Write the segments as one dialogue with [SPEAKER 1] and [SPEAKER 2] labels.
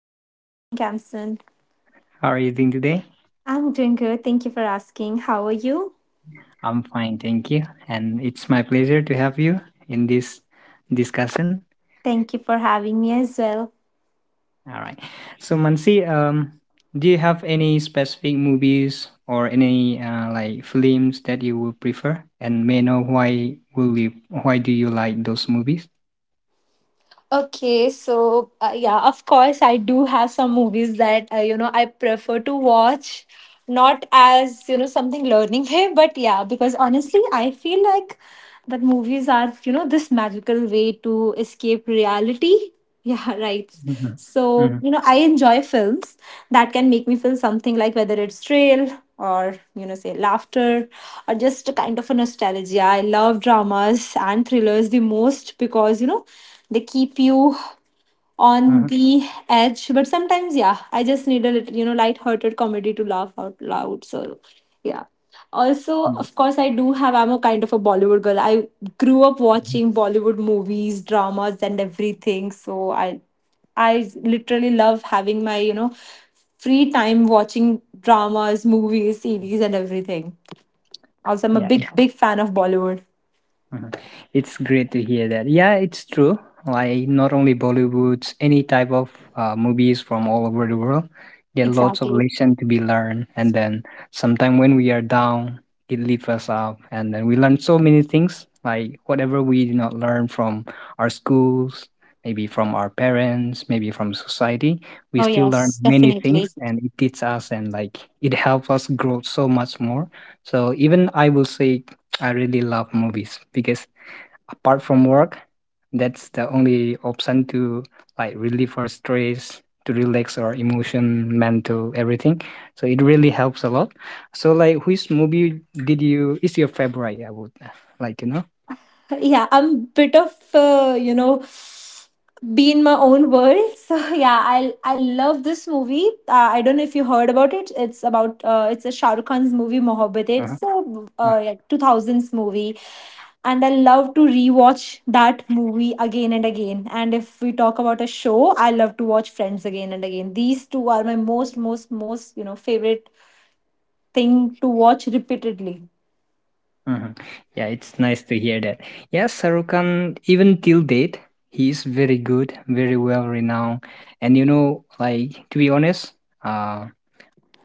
[SPEAKER 1] Hi, good evening, Kamsan.
[SPEAKER 2] How are you doing today?
[SPEAKER 1] I'm doing good. Thank you for asking. How are you?
[SPEAKER 2] I'm fine, thank you. And it's my pleasure to have you in this discussion.
[SPEAKER 1] Thank you for having me as well.
[SPEAKER 2] All right. So Mansi, do you have any specific movies or any like films that you would prefer? And may I know why do you like those movies?
[SPEAKER 1] Okay, of course, I do have some movies that I prefer to watch, not as something learning way, but yeah, because honestly, I feel like that movies are this magical way to escape reality. Yeah, right.
[SPEAKER 2] Mm-hmm.
[SPEAKER 1] So,
[SPEAKER 2] Mm-hmm.
[SPEAKER 1] I enjoy films that can make me feel something, like whether it's thrill or, say laughter, or just a kind of a nostalgia. I love dramas and thrillers the most because, they keep you on the edge. But sometimes, yeah, I just need a little light-hearted comedy to laugh out loud. So yeah, also of course I do have, I'm a kind of a Bollywood girl. I grew up
[SPEAKER 2] Mm-hmm.
[SPEAKER 1] watching Bollywood movies, dramas and everything, so I literally love having my free time watching dramas, movies, series and everything. Also I'm a big, yeah, big fan of Bollywood.
[SPEAKER 2] Mhm. It's great to hear that. Yeah, it's true. Like not only Bollywoods, any type of movies from all over the world, there are lots of lesson to be learned. And then sometime when we are down, it lifts us up, and then we learn so many things. Like whatever we did not learn from our schools, maybe from our parents, maybe from society, we still learn many things, and it teaches us and like it helps us grow so much more. So even I will say I really love movies because apart from work, that's the only option to like relieve our stress, to relax our emotion, mental, everything. So it really helps a lot. So like which movie did you is your favorite? I would like to know.
[SPEAKER 1] Yeah, I'm bit of be in my own world. So yeah, I love this movie. I don't know if you heard about it. It's about it's a Shah Rukh Khan's movie, Mohabbat.
[SPEAKER 2] Uh-huh.
[SPEAKER 1] It's a
[SPEAKER 2] uh,
[SPEAKER 1] yeah, 2000s movie, and I love to rewatch that movie again and again. And if we talk about a show, I love to watch Friends again and again. These two are my most, most, most favorite thing to watch repeatedly.
[SPEAKER 2] Mhm. Yeah, it's nice to hear that. Yes, Sarukan, even till date, he is very good, very well renowned. And you know, like to be honest, uh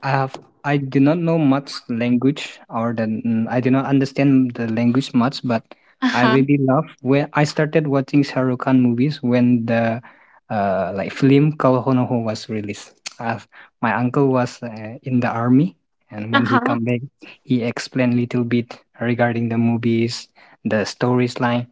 [SPEAKER 2] I do not know much language I do not understand the language much, but I
[SPEAKER 1] Uh-huh.
[SPEAKER 2] really love where I started watching Shahrukh Khan movies when the like film Kalhonoho was released. I My uncle was in the army, and when he
[SPEAKER 1] Uh-huh.
[SPEAKER 2] come back, he explained little bit regarding the movies, the stories line.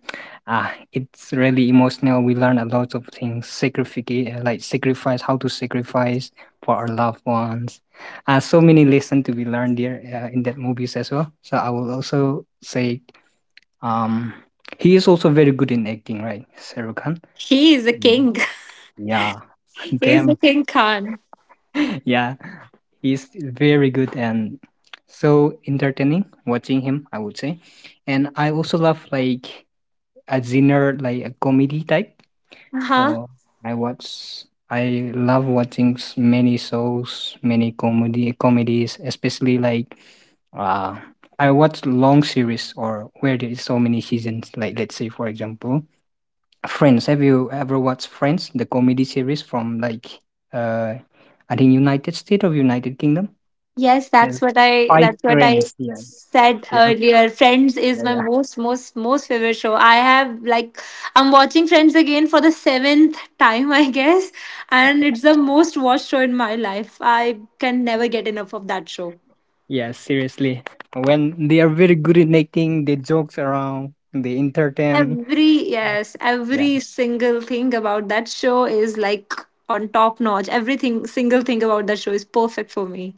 [SPEAKER 2] Ah, it's really emotional. We learn a lot of things, sacrifice, like sacrifice, how to sacrifice for our loved ones, so many lesson to be learned there, in that movies as well. So I will also say, um, he is also very good in acting, right, Shahrukh Khan?
[SPEAKER 1] He is a
[SPEAKER 2] Mm.
[SPEAKER 1] king.
[SPEAKER 2] Yeah,
[SPEAKER 1] He's the
[SPEAKER 2] damn,
[SPEAKER 1] King Khan.
[SPEAKER 2] yeah, he's very good and so entertaining watching him. I would say, and I also love like a genre like a comedy type.
[SPEAKER 1] Uh-huh.
[SPEAKER 2] So I watch. I love watching many shows, many comedy comedies, especially like uh I watch long series or where there is so many seasons. Like let's say for example, Friends. Have you ever watched Friends, the comedy series from like uh I think United States of United Kingdom?
[SPEAKER 1] Yes,
[SPEAKER 2] Yeah,
[SPEAKER 1] that's what I
[SPEAKER 2] five
[SPEAKER 1] that's what I
[SPEAKER 2] friends. Yeah,
[SPEAKER 1] said
[SPEAKER 2] yeah,
[SPEAKER 1] earlier. Friends is
[SPEAKER 2] yeah,
[SPEAKER 1] my
[SPEAKER 2] yeah.
[SPEAKER 1] most, most, most favorite show. I have like, I'm watching Friends again for the seventh time, I guess, and it's the most watched show in my life. I can never get enough of that show.
[SPEAKER 2] Yeah, seriously. When they are very good in acting, they jokes around, they entertain.
[SPEAKER 1] Every single thing about that show is like on top notch. Everything single thing about that show is perfect for me.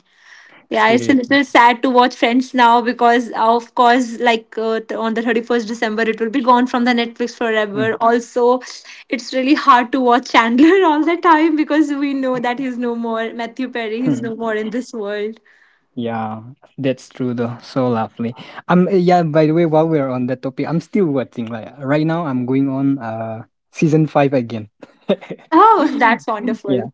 [SPEAKER 1] Yeah, it's a
[SPEAKER 2] Seriously.
[SPEAKER 1] little sad to watch Friends now because, of course, like on the 31st December, it will be gone from the Netflix
[SPEAKER 2] Mhm.
[SPEAKER 1] forever. Also, it's really hard to watch Chandler all the time because we know that he's no more. Matthew Perry, he's no more in this world.
[SPEAKER 2] Yeah, that's true though. So lovely. Yeah, by the way, while we're on that topic, I'm still watching. Like right now, I'm going on season 5 again.
[SPEAKER 1] Oh, that's
[SPEAKER 2] Yeah,
[SPEAKER 1] wonderful.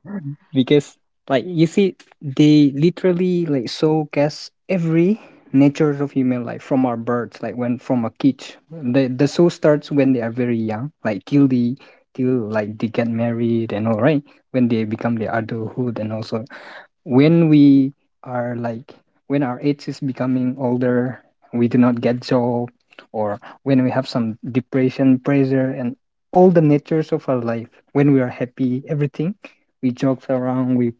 [SPEAKER 2] because like you see, they literally like showcase every natures of human life from our birds, like when from a cage. The show starts when they are very young, like till like they get married and all right, when they become the adulthood and also when we are like when our age is becoming older, we do not get job, or when we have some depression pressure, and all the natures of our life, when we are happy, everything, we joke around, we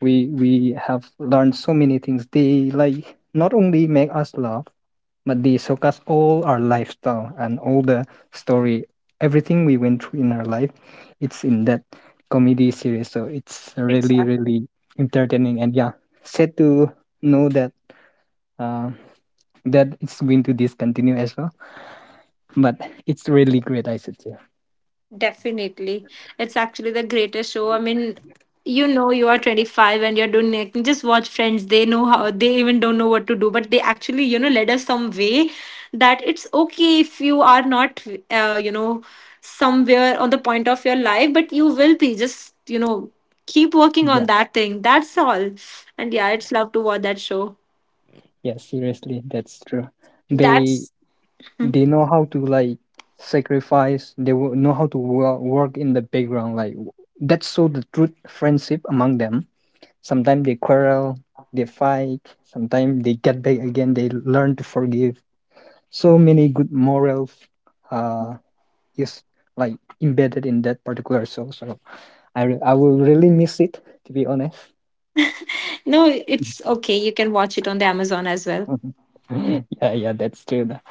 [SPEAKER 2] we have learned so many things. They like not only make us laugh, but they showcase all our lifestyle and all the story, everything we went through in our life. It's in that comedy series, so it's really, really entertaining. And yeah, sad to know uh, that it's going to discontinue as well, but it's really great, I should say.
[SPEAKER 1] Definitely. It's actually the greatest show. I mean, you are 25 and you're doing it. Just watch Friends. They know how, they even don't know what to do, but they actually, led us some way that it's okay if you are not, uh, you know, somewhere on the point of your life, but you will be. Just, keep working on
[SPEAKER 2] Yeah,
[SPEAKER 1] that thing. That's all. And yeah, it's love to watch that show.
[SPEAKER 2] yeah, seriously, that's true. They
[SPEAKER 1] That's,
[SPEAKER 2] they know how to like sacrifice. They know how to work in the background. Like that show the truth friendship among them. Sometimes they quarrel, they fight, sometimes they get back again, they learn to forgive. So many good morals uh is like embedded in that particular show. So I will really miss it, to be honest.
[SPEAKER 1] no, it's okay. You can watch it on the Amazon as well.
[SPEAKER 2] Mhm. Yeah, yeah, that's true.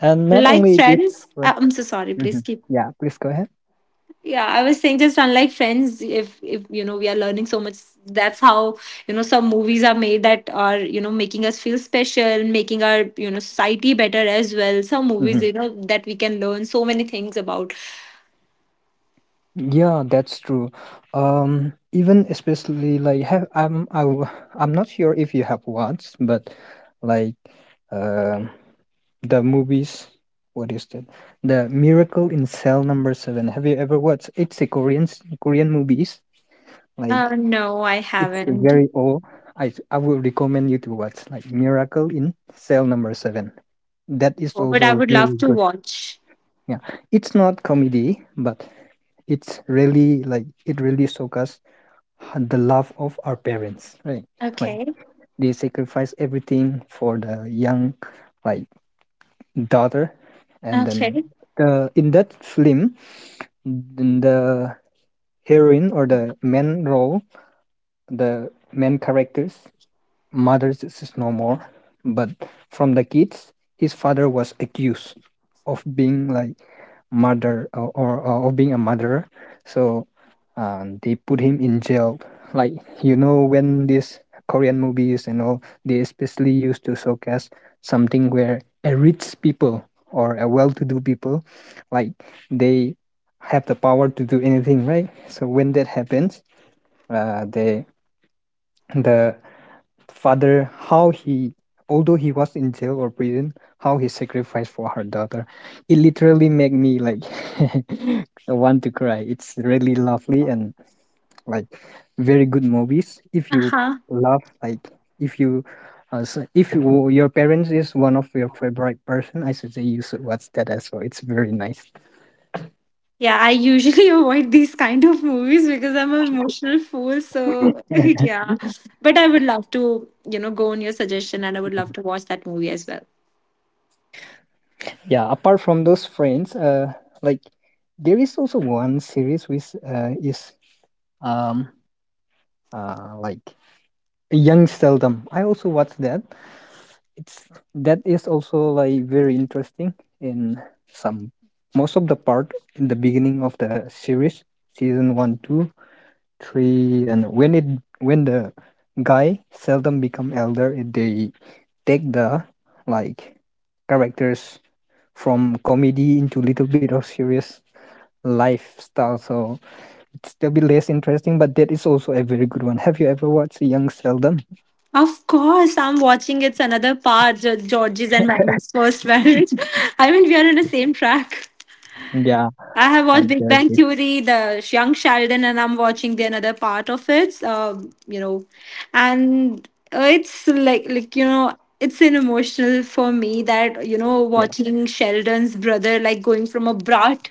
[SPEAKER 2] And not
[SPEAKER 1] Like
[SPEAKER 2] only this,
[SPEAKER 1] Friends,
[SPEAKER 2] but-
[SPEAKER 1] I'm so sorry. Please
[SPEAKER 2] Mhm.
[SPEAKER 1] keep.
[SPEAKER 2] Yeah, please go ahead.
[SPEAKER 1] Yeah, I was saying just unlike Friends, if we are learning so much, that's how some movies are made that are making us feel special, making our society better as well. Some movies
[SPEAKER 2] Mhm.
[SPEAKER 1] that we can learn so many things about.
[SPEAKER 2] Yeah, that's true. Even especially like have I'm I'm not sure if you have watched, but like um. the movies, what is that, the miracle in Cell No. 7? Have you ever watched? It's a korean movies, like
[SPEAKER 1] No, I
[SPEAKER 2] it's
[SPEAKER 1] haven't.
[SPEAKER 2] very old. I will recommend you to watch like miracle in Cell No. 7. That is
[SPEAKER 1] Oh, but I
[SPEAKER 2] also
[SPEAKER 1] would love
[SPEAKER 2] very
[SPEAKER 1] to
[SPEAKER 2] good.
[SPEAKER 1] watch.
[SPEAKER 2] Yeah, it's not comedy, but it's really like it really shows us, the love of our parents, right? Like
[SPEAKER 1] Okay,
[SPEAKER 2] they sacrifice everything for the young, like daughter. And then
[SPEAKER 1] okay,
[SPEAKER 2] the in that film, then the heroine, or the main characters, Mothers is no more, but from the kids, his father was accused of being like murder, or of being a murderer. So they put him in jail. Like you know, when these Korean movies and all, they especially used to showcase something where a rich people or a well-to-do people, like they have the power to do anything, right? So when that happens, uh, they the father, how he, although he was in jail or prison, how he sacrificed for her daughter. It literally made me like want to cry. It's really lovely, and like very good movies. If
[SPEAKER 1] uh
[SPEAKER 2] you
[SPEAKER 1] huh.
[SPEAKER 2] love like if you if you, your parents is one of your favorite person, I suggest you should watch that as well. It's very nice.
[SPEAKER 1] Yeah, I usually avoid these kind of movies because I'm an emotional fool. So yeah, but I would love to go on your suggestion, and I would love to watch that movie as well.
[SPEAKER 2] Yeah, apart from those friends, like there is also one series which is um like Young Seldom. I also watched that. It's That is also like very interesting in some most of the part in the beginning of the series, season one, two, three, and when the guy seldom become elder, they take the like characters from comedy into little bit of serious lifestyle. So it's still be less interesting, but that is also a very good one. Have you ever watched Young Seldom?
[SPEAKER 1] Of course, I'm watching. It's another part, Georgie's and Maggie's first marriage. I mean, we are on the same track.
[SPEAKER 2] Yeah.
[SPEAKER 1] I have watched
[SPEAKER 2] And
[SPEAKER 1] Big Bang
[SPEAKER 2] dirty.
[SPEAKER 1] Theory, the Young Sheldon, and I'm watching the another part of it. You know, and it's like it's an emotional for me that
[SPEAKER 2] Yeah.
[SPEAKER 1] watching Sheldon's brother like going from a brat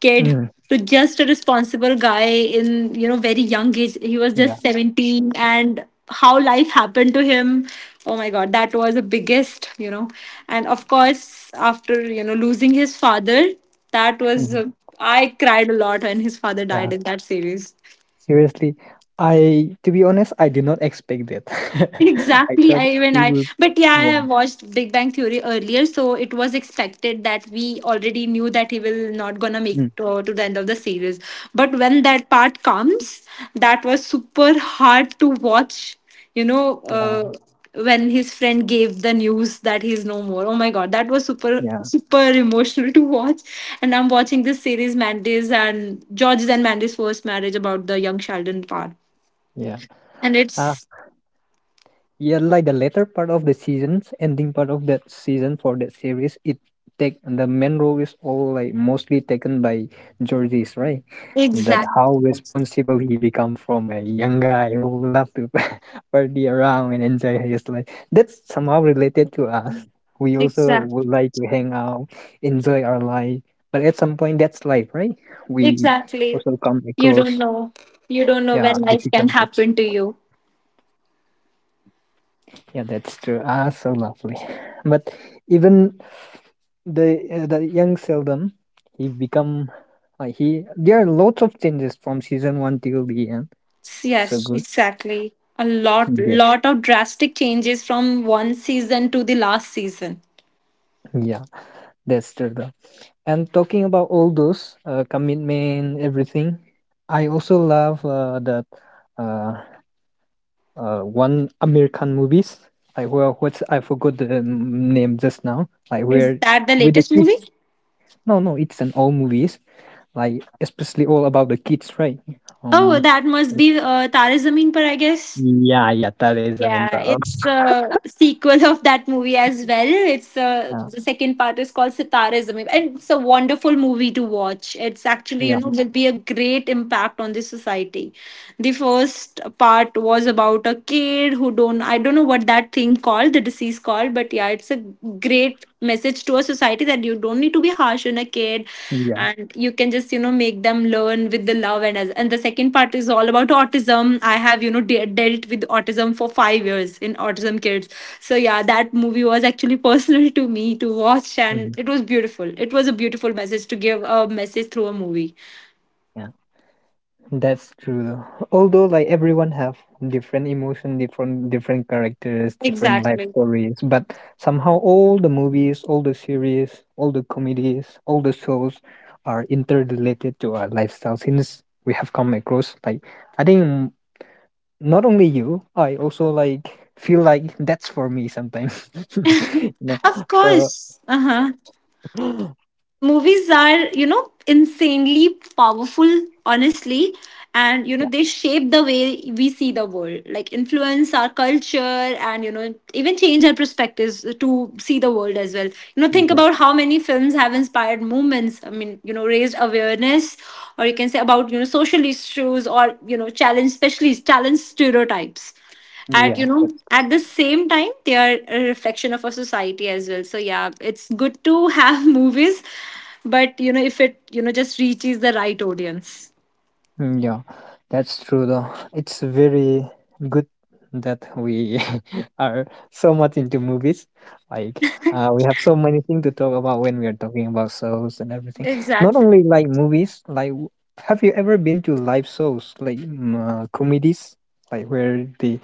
[SPEAKER 1] kid
[SPEAKER 2] Mm,
[SPEAKER 1] to just a responsible guy in very young age. He was
[SPEAKER 2] yeah.
[SPEAKER 1] just 17, and how life happened to him. Oh my God, that was the biggest and of course after losing his father. That was,
[SPEAKER 2] Mhm.
[SPEAKER 1] I cried a lot when his father
[SPEAKER 2] Yeah.
[SPEAKER 1] died in that series.
[SPEAKER 2] Seriously, I to be honest, I did not expect that. I
[SPEAKER 1] Exactly
[SPEAKER 2] thought
[SPEAKER 1] I even I
[SPEAKER 2] he would.
[SPEAKER 1] But yeah, I
[SPEAKER 2] Yeah.
[SPEAKER 1] have watched Big Bang Theory earlier, so it was expected that we already knew that he will not gonna make
[SPEAKER 2] Mm,
[SPEAKER 1] to the end of the series. But when that part comes, that was super hard to watch. you know uh,
[SPEAKER 2] yeah.
[SPEAKER 1] when his friend gave the news that he's no more, oh my god, that was super
[SPEAKER 2] Yeah.
[SPEAKER 1] super emotional to watch. And I'm watching this series, Mandy's and George's and Mandy's first marriage, about the Young Sheldon part,
[SPEAKER 2] Yeah.
[SPEAKER 1] and it's,
[SPEAKER 2] Yeah, like the latter part of the seasons, ending part of that season for that series, it take the main role is all like mostly taken by Georges, right? That how
[SPEAKER 1] exactly,
[SPEAKER 2] responsible he become from a young guy who love to party around and enjoy his life. That's somehow related to us. We also would
[SPEAKER 1] exactly.
[SPEAKER 2] like to hang out, enjoy our life, but at some point that's life, right? We
[SPEAKER 1] Exactly.
[SPEAKER 2] also come
[SPEAKER 1] You don't
[SPEAKER 2] across,
[SPEAKER 1] know. You don't know when
[SPEAKER 2] yeah,
[SPEAKER 1] life can
[SPEAKER 2] difficulty.
[SPEAKER 1] happen to you.
[SPEAKER 2] Yeah, that's true. Ah, so lovely. But even the young seldom he become like he. There are lots of changes from season one till the end. So
[SPEAKER 1] Yes,
[SPEAKER 2] good.
[SPEAKER 1] exactly. A
[SPEAKER 2] Yeah,
[SPEAKER 1] lot of drastic changes from one season to the last season.
[SPEAKER 2] yeah, that's true though. And talking about all those commitment, everything, I also love that uh, one American movies. Like well, what's I forgot the name just now. Like
[SPEAKER 1] Is
[SPEAKER 2] where
[SPEAKER 1] that the
[SPEAKER 2] with the
[SPEAKER 1] latest
[SPEAKER 2] kids.
[SPEAKER 1] movie?
[SPEAKER 2] No, no, it's an old movies, like especially all about the kids, right?
[SPEAKER 1] Oh,
[SPEAKER 2] Um,
[SPEAKER 1] that must be Tare Zameen Par, I guess.
[SPEAKER 2] Yeah, yeah, that is the main
[SPEAKER 1] Yeah,
[SPEAKER 2] problem.
[SPEAKER 1] it's a sequel of that movie as well. It's
[SPEAKER 2] Yeah,
[SPEAKER 1] the second part is called Sitare Zameen, and it's a wonderful movie to watch. It's actually
[SPEAKER 2] yeah,
[SPEAKER 1] will be a great impact on the society. The first part was about a kid who don't I don't know what that thing called, the disease called, but yeah, it's a great message to a society that you don't need to be harsh on a kid,
[SPEAKER 2] yeah,
[SPEAKER 1] and you can just make them learn with the love. And as, and the second part is all about autism. I have dealt with autism for 5 years in autism kids. So yeah, that movie was actually personal to me to watch, and
[SPEAKER 2] mhm,
[SPEAKER 1] it was beautiful. It was a beautiful message to give a message through a movie.
[SPEAKER 2] yeah. That's true. Though. Although like everyone have different emotion, different characters, different life
[SPEAKER 1] Exactly.
[SPEAKER 2] stories, but somehow all the movies, all the series, all the comedies, all the shows are interrelated to our lifestyle. Since we have come across like I think, not only you, I also like feel like that's for me sometimes. you know,
[SPEAKER 1] Of
[SPEAKER 2] so
[SPEAKER 1] course. Uh-huh. Movies are insanely powerful, honestly. And they shape the way we see the world, like influence our culture, and even change our perspectives to see the world as well. Think
[SPEAKER 2] yeah,
[SPEAKER 1] about how many films have inspired movements. I mean, raised awareness, or you can say about social issues, or challenge, especially challenge stereotypes. At,
[SPEAKER 2] yeah, that's
[SPEAKER 1] at the same time, they are a reflection of our society as well. So yeah, it's good to have movies, but if it just reaches the right audience.
[SPEAKER 2] yeah, that's true though. It's very good that we are so much into movies. Like we have so many things to talk about when we are talking about shows and everything. Not
[SPEAKER 1] Exactly.
[SPEAKER 2] only like movies, like have you ever been to live shows like comedies, like where they.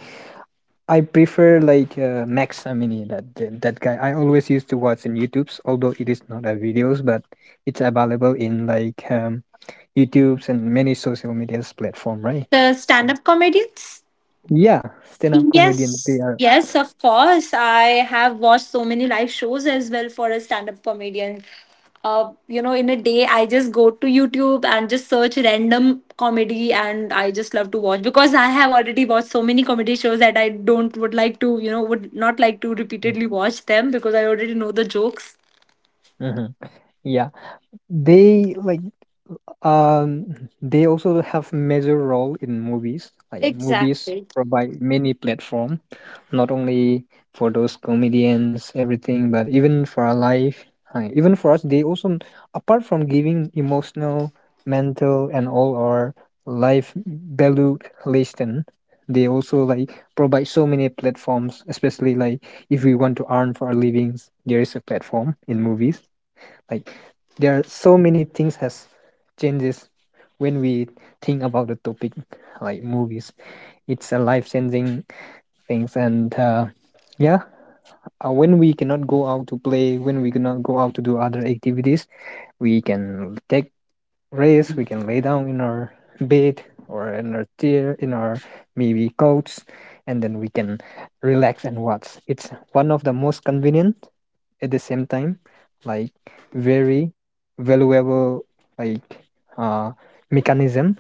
[SPEAKER 2] I prefer like Max Amini, that guy. I always used to watch in YouTube's, although it is not a videos, but it's available in like YouTube's and many social medias platform, right?
[SPEAKER 1] The stand
[SPEAKER 2] So
[SPEAKER 1] up comedians?
[SPEAKER 2] yeah, stand up comedians.
[SPEAKER 1] Yes,
[SPEAKER 2] They are,
[SPEAKER 1] yes, of course. I have watched so many live shows as well for a stand up comedian. In a day, I just go to YouTube and just search random comedy, and I just love to watch because I have already watched so many comedy shows that I don't would like to, would not like to repeatedly watch them because I already know the jokes.
[SPEAKER 2] Mhm. Yeah, they like Um, they also have major role in movies. Like movies
[SPEAKER 1] Exactly.
[SPEAKER 2] provide many platform, not only for those comedians, everything, but even for our life, even for us. They also, apart from giving emotional, mental, and all our life value lesson, they also like provide so many platforms. Especially like if we want to earn for our livings, there is a platform in movies, like there are so many things has changes when we think about the topic like movies. It's a life changing things and yeah when we cannot go out to play, when we cannot go out to do other activities, we can take rest. We can lay down in our bed or in our chair, in our maybe couch, and then we can relax and watch. It's one of the most convenient, at the same time, like very valuable, like uh, mechanism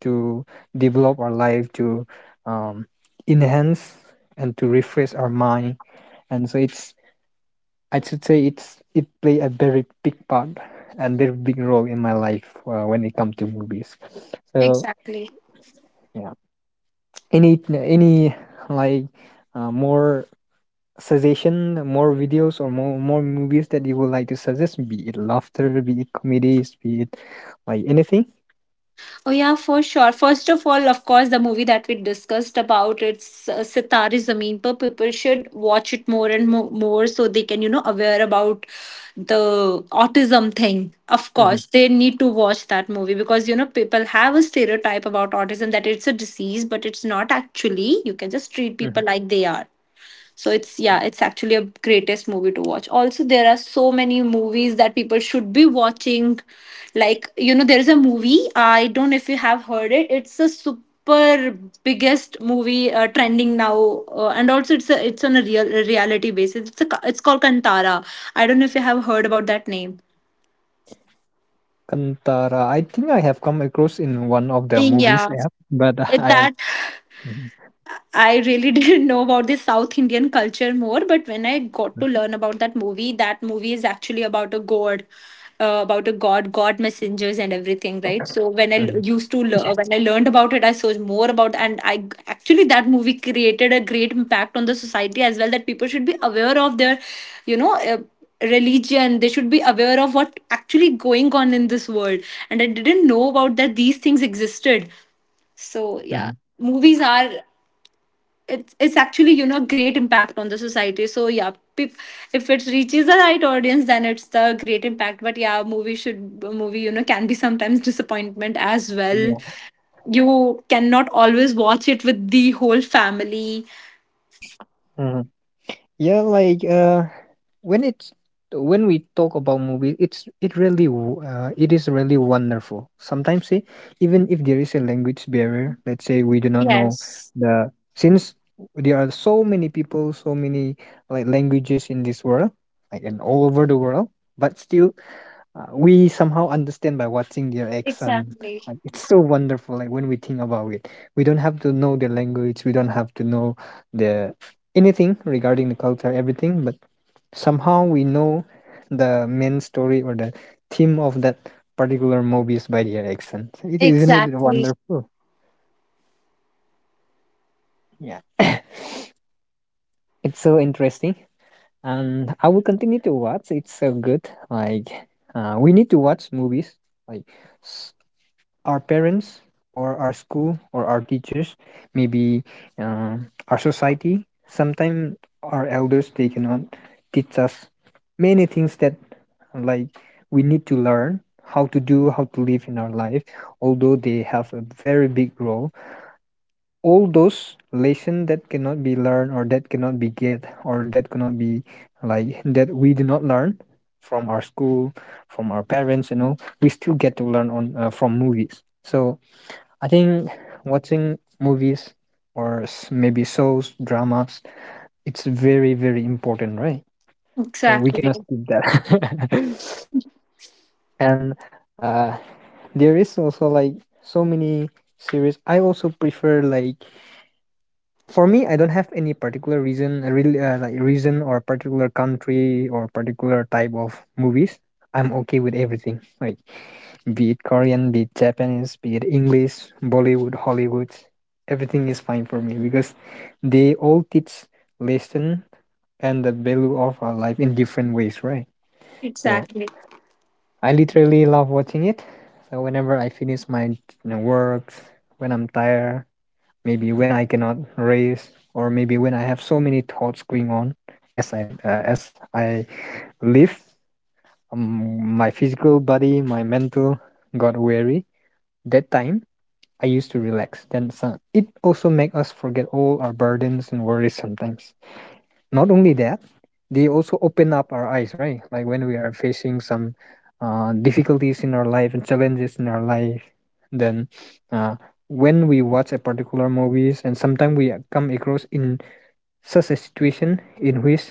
[SPEAKER 2] to develop our life to um, enhance and to refresh our mind. And so it's, I should say it's, it play a very big part and very big role in my life when it comes to movies. So
[SPEAKER 1] Exactly.
[SPEAKER 2] yeah, any like more suggestion, more videos, or more movies that you would like to suggest, be it laughter, be it comedies, be it like anything.
[SPEAKER 1] Oh yeah, for sure. First of all, of course, the movie that we discussed about, it's Sitare Zameen Par. People should watch it more, so they can aware about the autism thing. Of
[SPEAKER 2] Hmm.
[SPEAKER 1] course, they need to watch that movie because people have a stereotype about autism that it's a disease, but it's not actually. You can just treat people
[SPEAKER 2] Hmm.
[SPEAKER 1] like they are. So it's yeah, it's actually a greatest movie to watch. Also, there are so many movies that people should be watching. Like, there is a movie, I don't know if you have heard it. It's a super biggest movie trending now, and also it's it's on a real, a reality basis. It's a it's called Kantara. I don't know if you have heard about that name.
[SPEAKER 2] Kantara, I think I have come across in one of the movies.
[SPEAKER 1] Yeah,
[SPEAKER 2] Yeah, but
[SPEAKER 1] that
[SPEAKER 2] I. Mhm.
[SPEAKER 1] I really didn't know about the South Indian culture more, but when I got to learn about that movie is actually about a god, god messengers and everything, right? So when
[SPEAKER 2] Mhm.
[SPEAKER 1] used to learn, when I learned about it, I saw more about, and actually that movie created a great impact on the society as well. That people should be aware of their, you know. Religion they should be aware of what actually going on in this world and I didn't know about that these things existed so yeah.
[SPEAKER 2] Mhm.
[SPEAKER 1] Movies are, it's actually great impact on the society so yeah. pe- if it reaches the right audience then it's the great impact, but yeah, movie should movie can be sometimes disappointment as well.
[SPEAKER 2] Yeah.
[SPEAKER 1] You cannot always watch it with the whole family.
[SPEAKER 2] Mm-hmm. Yeah, like when it's, when we talk about movies, it's, it really w- it is really wonderful. Sometimes, see, even if there is a language barrier, let's say we do not know
[SPEAKER 1] Yes.
[SPEAKER 2] the, since there are so many people, so many like languages in this world, like and all over the world, but still we somehow understand by watching their accent.
[SPEAKER 1] Exactly.
[SPEAKER 2] Like, it's so wonderful. Like when we think about it, we don't have to know their language. We don't have to know the anything regarding the culture, everything. But somehow we know the main story or the theme of that particular movies by their accent. So, It isn't it
[SPEAKER 1] Exactly.
[SPEAKER 2] wonderful? Yeah, it's so interesting. And I will continue to watch. It's so good. Like we need to watch movies. Like our parents or our school or our teachers, maybe our society. Sometimes our elders, they cannot teach us many things that, like, we need to learn how to do, how to live in our life. Although they have a very big role, all those lesson that cannot be learned or that cannot be get or that cannot be, like, that we do not learn from our school, from our parents, you know, we still get to learn on from movies. So I think watching movies or s- maybe shows, dramas, it's very, very important, right? We
[SPEAKER 1] Exactly.
[SPEAKER 2] cannot skip that. And uh, there is also like so many series. I also prefer, like for me, I don't have any particular reason, really, like reason or particular country or particular type of movies. I'm okay with everything, like, be it Korean, be it Japanese, be it English, Bollywood, Hollywood. Everything is fine for me because they all teach lesson and the value of our life in different ways, right? So
[SPEAKER 1] Exactly.
[SPEAKER 2] I literally love watching it. So whenever I finish my, you know, work, when I'm tired, maybe when I cannot raise, or maybe when I have so many thoughts going on, as I I live, my physical body, my mental got weary. That time I used to relax. Then so, it also make us forget all our burdens and worries sometimes. Not only that, they also open up our eyes, right? Like when we are facing some difficulties in our life and challenges in our life, then uh, when we watch a particular movies, and sometimes we come across in such a situation in which,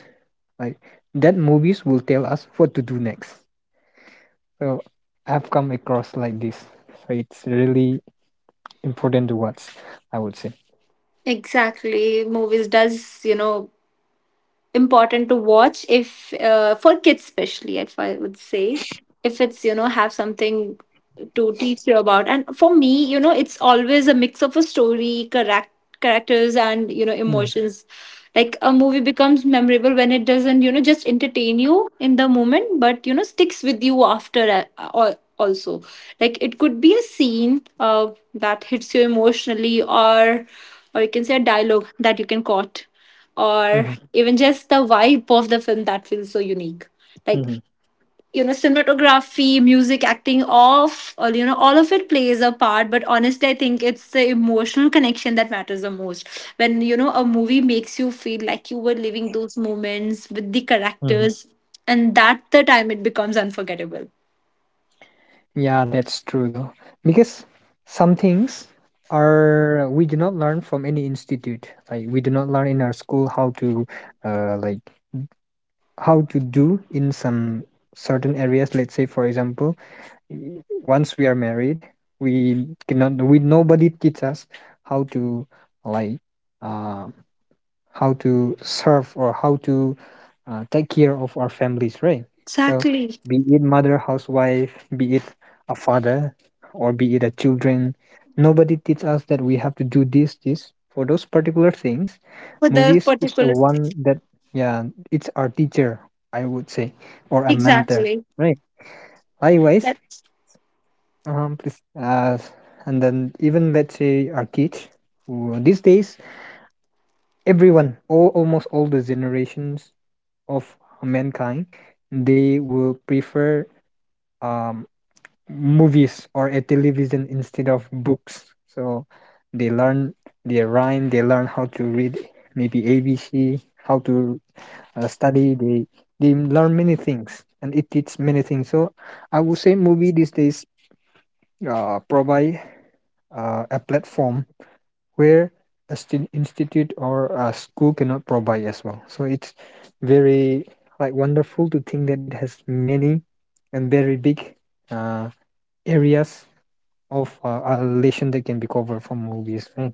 [SPEAKER 2] like, that movies will tell us what to do next. So I've come across like this. So it's really important to watch, I would say.
[SPEAKER 1] Exactly, movies does important to watch, if for kids especially, if I would say, if it's have something to teach you about. And for me, you know, it's always a mix of a story, correct characters and you know emotions. Like a movie becomes memorable when it doesn't just entertain you in the moment but sticks with you after, or also like it could be a scene, that hits you emotionally, or you can say a dialogue that you can quote, or
[SPEAKER 2] Mm-hmm.
[SPEAKER 1] even just the vibe of the film that feels so unique. Like you know, cinematography, music, acting, off all, you know, all of it plays a part, but honestly I think it's the emotional connection that matters the most. When you know a movie makes you feel like you were living those moments with the characters, and that the time it becomes unforgettable.
[SPEAKER 2] Yeah, that's true though. Because some things are, we do not learn from any institute. Like we do not learn in our school how to like how to do in some certain areas. Let's say for example, y- once we are married, we cannot, we nobody teach us how to like uh how to serve or how to take care of our families, right? So,
[SPEAKER 1] Exactly.
[SPEAKER 2] be it mother, housewife, be it a father, or be it a children, nobody teach us that we have to do this, this for those particular things.
[SPEAKER 1] For the
[SPEAKER 2] Movies is the
[SPEAKER 1] particular.
[SPEAKER 2] one that, yeah, it's our teacher, I would say, or a mentor,
[SPEAKER 1] Exactly.
[SPEAKER 2] right? Likewise, please, and then even let's say our kids, who- these days everyone, all, almost all the generations of mankind, they will prefer um, movies or a television instead of books. So they learn their rhyme, they learn how to read maybe ABC, how to study. They learn many things, and it teaches many things. So I would say movie these days provide a platform where a st- institute or a school cannot provide as well. So it's very like wonderful to think that it has many and very big uh, areas of a relation that can be covered from movies. Mm.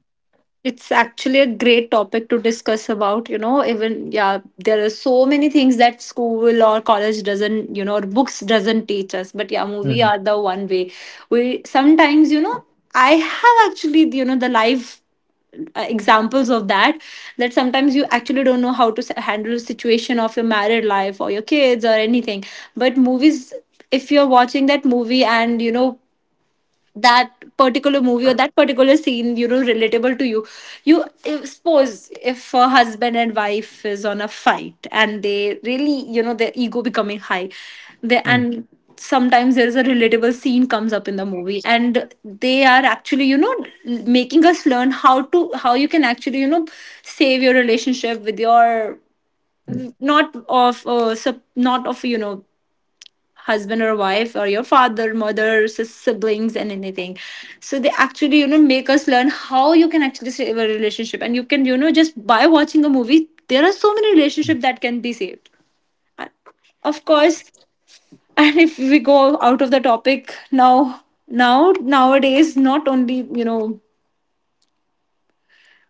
[SPEAKER 1] It's actually a great topic to discuss about, you know, even yeah, there are so many things that school or college doesn't, you know, or books doesn't teach us. But yeah, movie
[SPEAKER 2] Mm-hmm.
[SPEAKER 1] are the one way. We sometimes, you know, I have actually, you know, the live examples of that, that sometimes you actually don't know how to handle the situation of your married life or your kids or anything, but movies, if you're watching that movie and you know that particular movie or that particular scene you know relatable to you, you if, suppose if a husband and wife is on a fight and they really you know their ego becoming high, they and sometimes there is a relatable scene comes up in the movie and they are actually you know making us learn how to, how you can actually you know save your relationship with your, not of not of you know husband or wife or your father, mother, siblings and anything. So they actually you know make us learn how you can actually save a relationship, and you can you know just by watching a movie there are so many relationships that can be saved. And of course and if we go out of the topic now, now nowadays, not only you know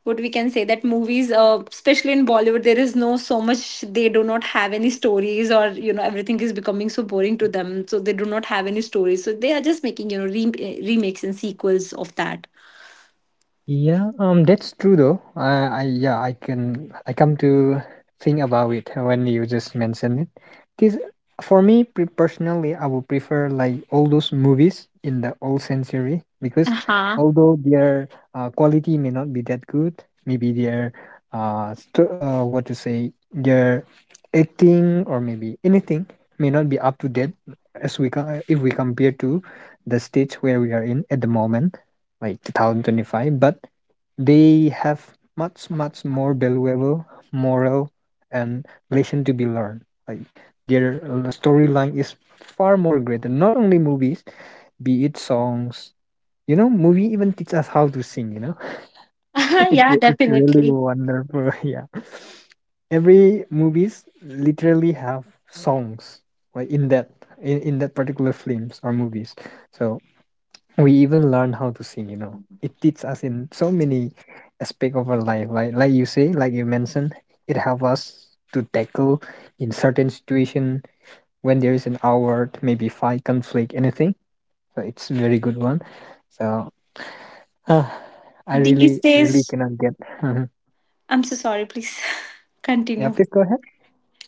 [SPEAKER 1] what we can say that movies, especially in Bollywood there is no so much, they do not have any stories or you know everything is becoming so boring to them, so they do not have any stories, so they are just making you know remakes and sequels of that.
[SPEAKER 2] Yeah, that's true though. I yeah, I can, I come to think about it when you just mentioned it. This for me, pre- personally, I would prefer like all those movies in the old century because
[SPEAKER 1] Uh-huh.
[SPEAKER 2] although their quality may not be that good, maybe their what to say, their acting or maybe anything may not be up to date as we co- if we compare to the stage where we are in at the moment like 2025, but they have much more valuable moral and lesson to be learned, like their storyline is far more greater. Not only movies, be it songs, you know, movie even teach us how to sing, you know. It,
[SPEAKER 1] Yeah,
[SPEAKER 2] re- it's really
[SPEAKER 1] definitely.
[SPEAKER 2] wonderful. Yeah, every movies literally have songs, like in that, in that particular films or movies. So we even learn how to sing, you know. It teaches us in so many aspect of our life, right? Like you say, like you mentioned, it helps us to tackle in certain situation when there is an outward, maybe fight, conflict, anything. So it's very good one. So uh, I
[SPEAKER 1] These
[SPEAKER 2] really, really
[SPEAKER 1] days,
[SPEAKER 2] cannot get. Mhm.
[SPEAKER 1] I'm so sorry, please
[SPEAKER 2] Yeah,
[SPEAKER 1] continue.
[SPEAKER 2] please go ahead.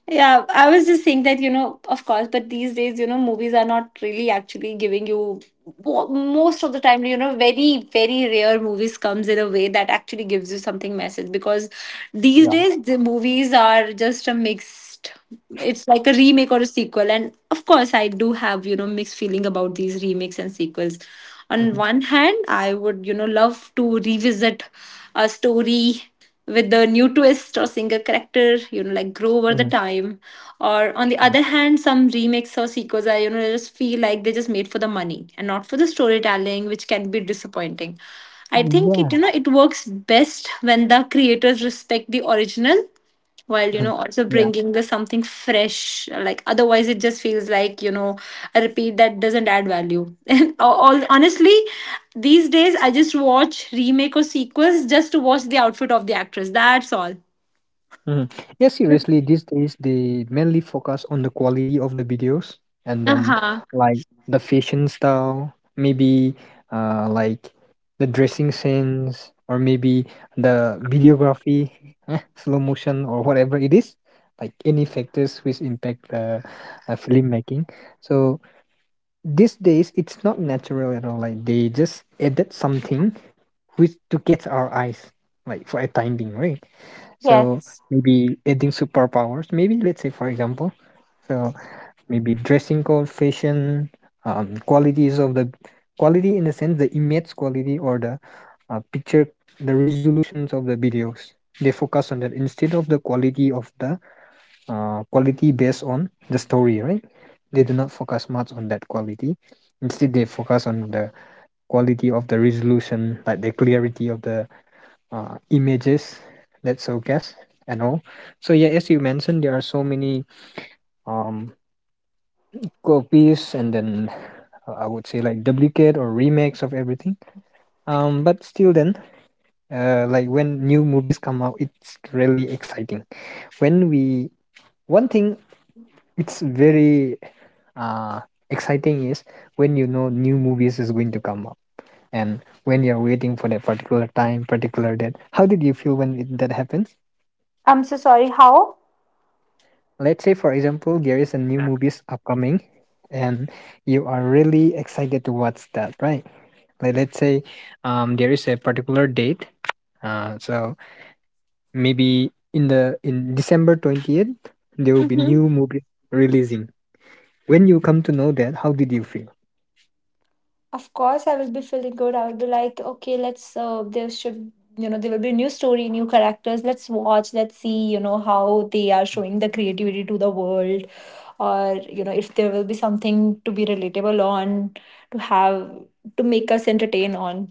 [SPEAKER 1] Yeah, I was just saying that, you know, of course, but these days, you know, movies are not really actually giving you most of the time, you know, very, very rare movies comes in a way that actually gives you something message, because these
[SPEAKER 2] Yeah.
[SPEAKER 1] days the movies are just a mixed, it's like a remake or a sequel. And of course I do have, you know, mixed feeling about these remakes and sequels. On
[SPEAKER 2] Hmm.
[SPEAKER 1] one hand, I would, you know, love to revisit a story with the new twist or single character, you know, like grow over the
[SPEAKER 2] Hmm.
[SPEAKER 1] time. Or on the other hand, some remakes or sequels are, you know, just feel like they just made for the money and not for the storytelling, which can be disappointing. I think it,
[SPEAKER 2] Yeah.
[SPEAKER 1] you know, it works best when the creators respect the original, while you
[SPEAKER 2] Mhm.
[SPEAKER 1] know also bringing the something fresh, like otherwise it just feels like you know a repeat that doesn't add value. And all honestly, these days, I just watch remake or sequels just to watch the outfit of the actress. That's all.
[SPEAKER 2] Mhm. Yeah,
[SPEAKER 1] Uh
[SPEAKER 2] seriously, these days they mainly focus on the quality of the videos, and then
[SPEAKER 1] huh.
[SPEAKER 2] like the fashion style, maybe like the dressing sense, or maybe the videography, eh, slow motion, or whatever it is, like any factors which impact filmmaking. So these days it's not natural at all. Like they just added something which to catch our eyes, like for a time being, right? So
[SPEAKER 1] Yes.
[SPEAKER 2] maybe adding superpowers, maybe let's say for example, so maybe dressing code, fashion, qualities of the quality, in the sense the image quality or the picture, the resolutions of the videos. They focus on that instead of the quality based on the story, right? They do not focus much on that quality. Instead, they focus on the quality of the resolution, like the clarity of the images, let's showcase, and all. So yeah, as you mentioned, there are so many um copies, and then I would say like duplicate or remakes of everything, but still then like when new movies come out, it's really exciting. When we, one thing, it's very uh exciting is when, you know, new movies is going to come up, and when you're waiting for that particular time, particular date, how did you feel when it, that happened?
[SPEAKER 1] I'm so sorry. How?
[SPEAKER 2] Let's say for example there is a new movies upcoming, and you are really excited to watch that, right? Like let's say there is a particular date, so maybe in the, in december 20th there will be
[SPEAKER 1] Mm-hmm.
[SPEAKER 2] new movie releasing. When you come to know that, how did you feel?
[SPEAKER 1] Of course, I will be feeling good. I will be like, okay, let's. There should, you know, there will be new story, new characters. Let's watch. Let's see, you know, how they are showing the creativity to the world, or you know, if there will be something to be relatable on, to have to make us entertain on.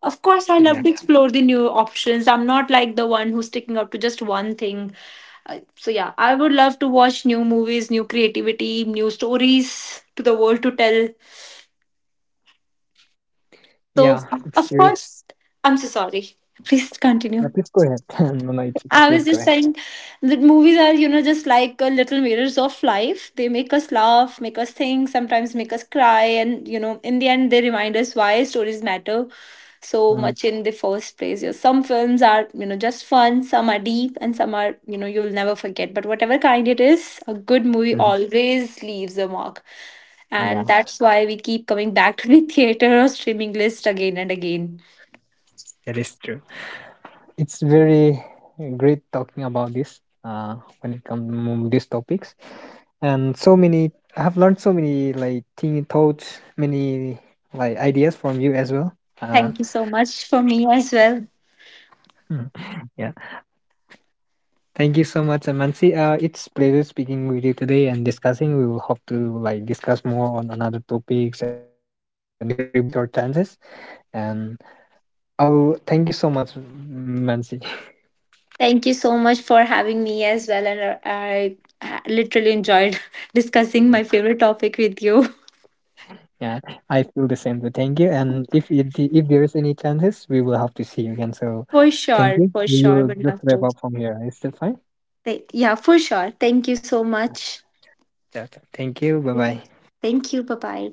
[SPEAKER 1] Of course, I love
[SPEAKER 2] Yeah.
[SPEAKER 1] to explore the new options. I'm not like the one who's sticking up to just one thing. So, yeah, I would love to watch new movies, new creativity, new stories to the world to tell. So,
[SPEAKER 2] Yeah, it's
[SPEAKER 1] of
[SPEAKER 2] very.
[SPEAKER 1] course, I'm so sorry. Please
[SPEAKER 2] Yeah,
[SPEAKER 1] continue.
[SPEAKER 2] please go ahead. No, no, it's okay,
[SPEAKER 1] I
[SPEAKER 2] please
[SPEAKER 1] was
[SPEAKER 2] go
[SPEAKER 1] just
[SPEAKER 2] ahead.
[SPEAKER 1] saying that movies are, you know, just like little mirrors of life. They make us laugh, make us think, sometimes make us cry, and you know, in the end, they remind us why stories matter so
[SPEAKER 2] Mm-hmm.
[SPEAKER 1] much in the first place. You know, some films are, you know, just fun, some are deep, and some are, you know, you'll never forget. But whatever kind it is, a good movie always leaves a mark, and
[SPEAKER 2] Yeah.
[SPEAKER 1] that's why we keep coming back to the theater or streaming list again and again.
[SPEAKER 2] That is true. It's very great talking about this uh, when it comes to these topics. And so many, I have learned so many like thing thoughts, many like ideas from you as well. Uh,
[SPEAKER 1] Thank you so much for me as well.
[SPEAKER 2] mm, yeah. Thank you so much, Amansi. It's pleasure speaking with you today and discussing. We will hope to like discuss more on another topics and all if there is any privilege or chances. And I will thank you so much, Mansi.
[SPEAKER 1] Thank you so much for having me as well. And I literally enjoyed discussing my favorite topic with you.
[SPEAKER 2] Yeah, I feel the same. So thank you. And if you, d- if there's any chances, we will have to see you again. So
[SPEAKER 1] For
[SPEAKER 2] thank
[SPEAKER 1] sure.
[SPEAKER 2] you.
[SPEAKER 1] For
[SPEAKER 2] We
[SPEAKER 1] sure.
[SPEAKER 2] will
[SPEAKER 1] Would
[SPEAKER 2] just
[SPEAKER 1] love
[SPEAKER 2] wrap
[SPEAKER 1] to.
[SPEAKER 2] up from here. Is that fine?
[SPEAKER 1] Yeah, for sure. Thank you so much.
[SPEAKER 2] Yeah. Thank you. Bye bye.
[SPEAKER 1] Thank you. Bye bye.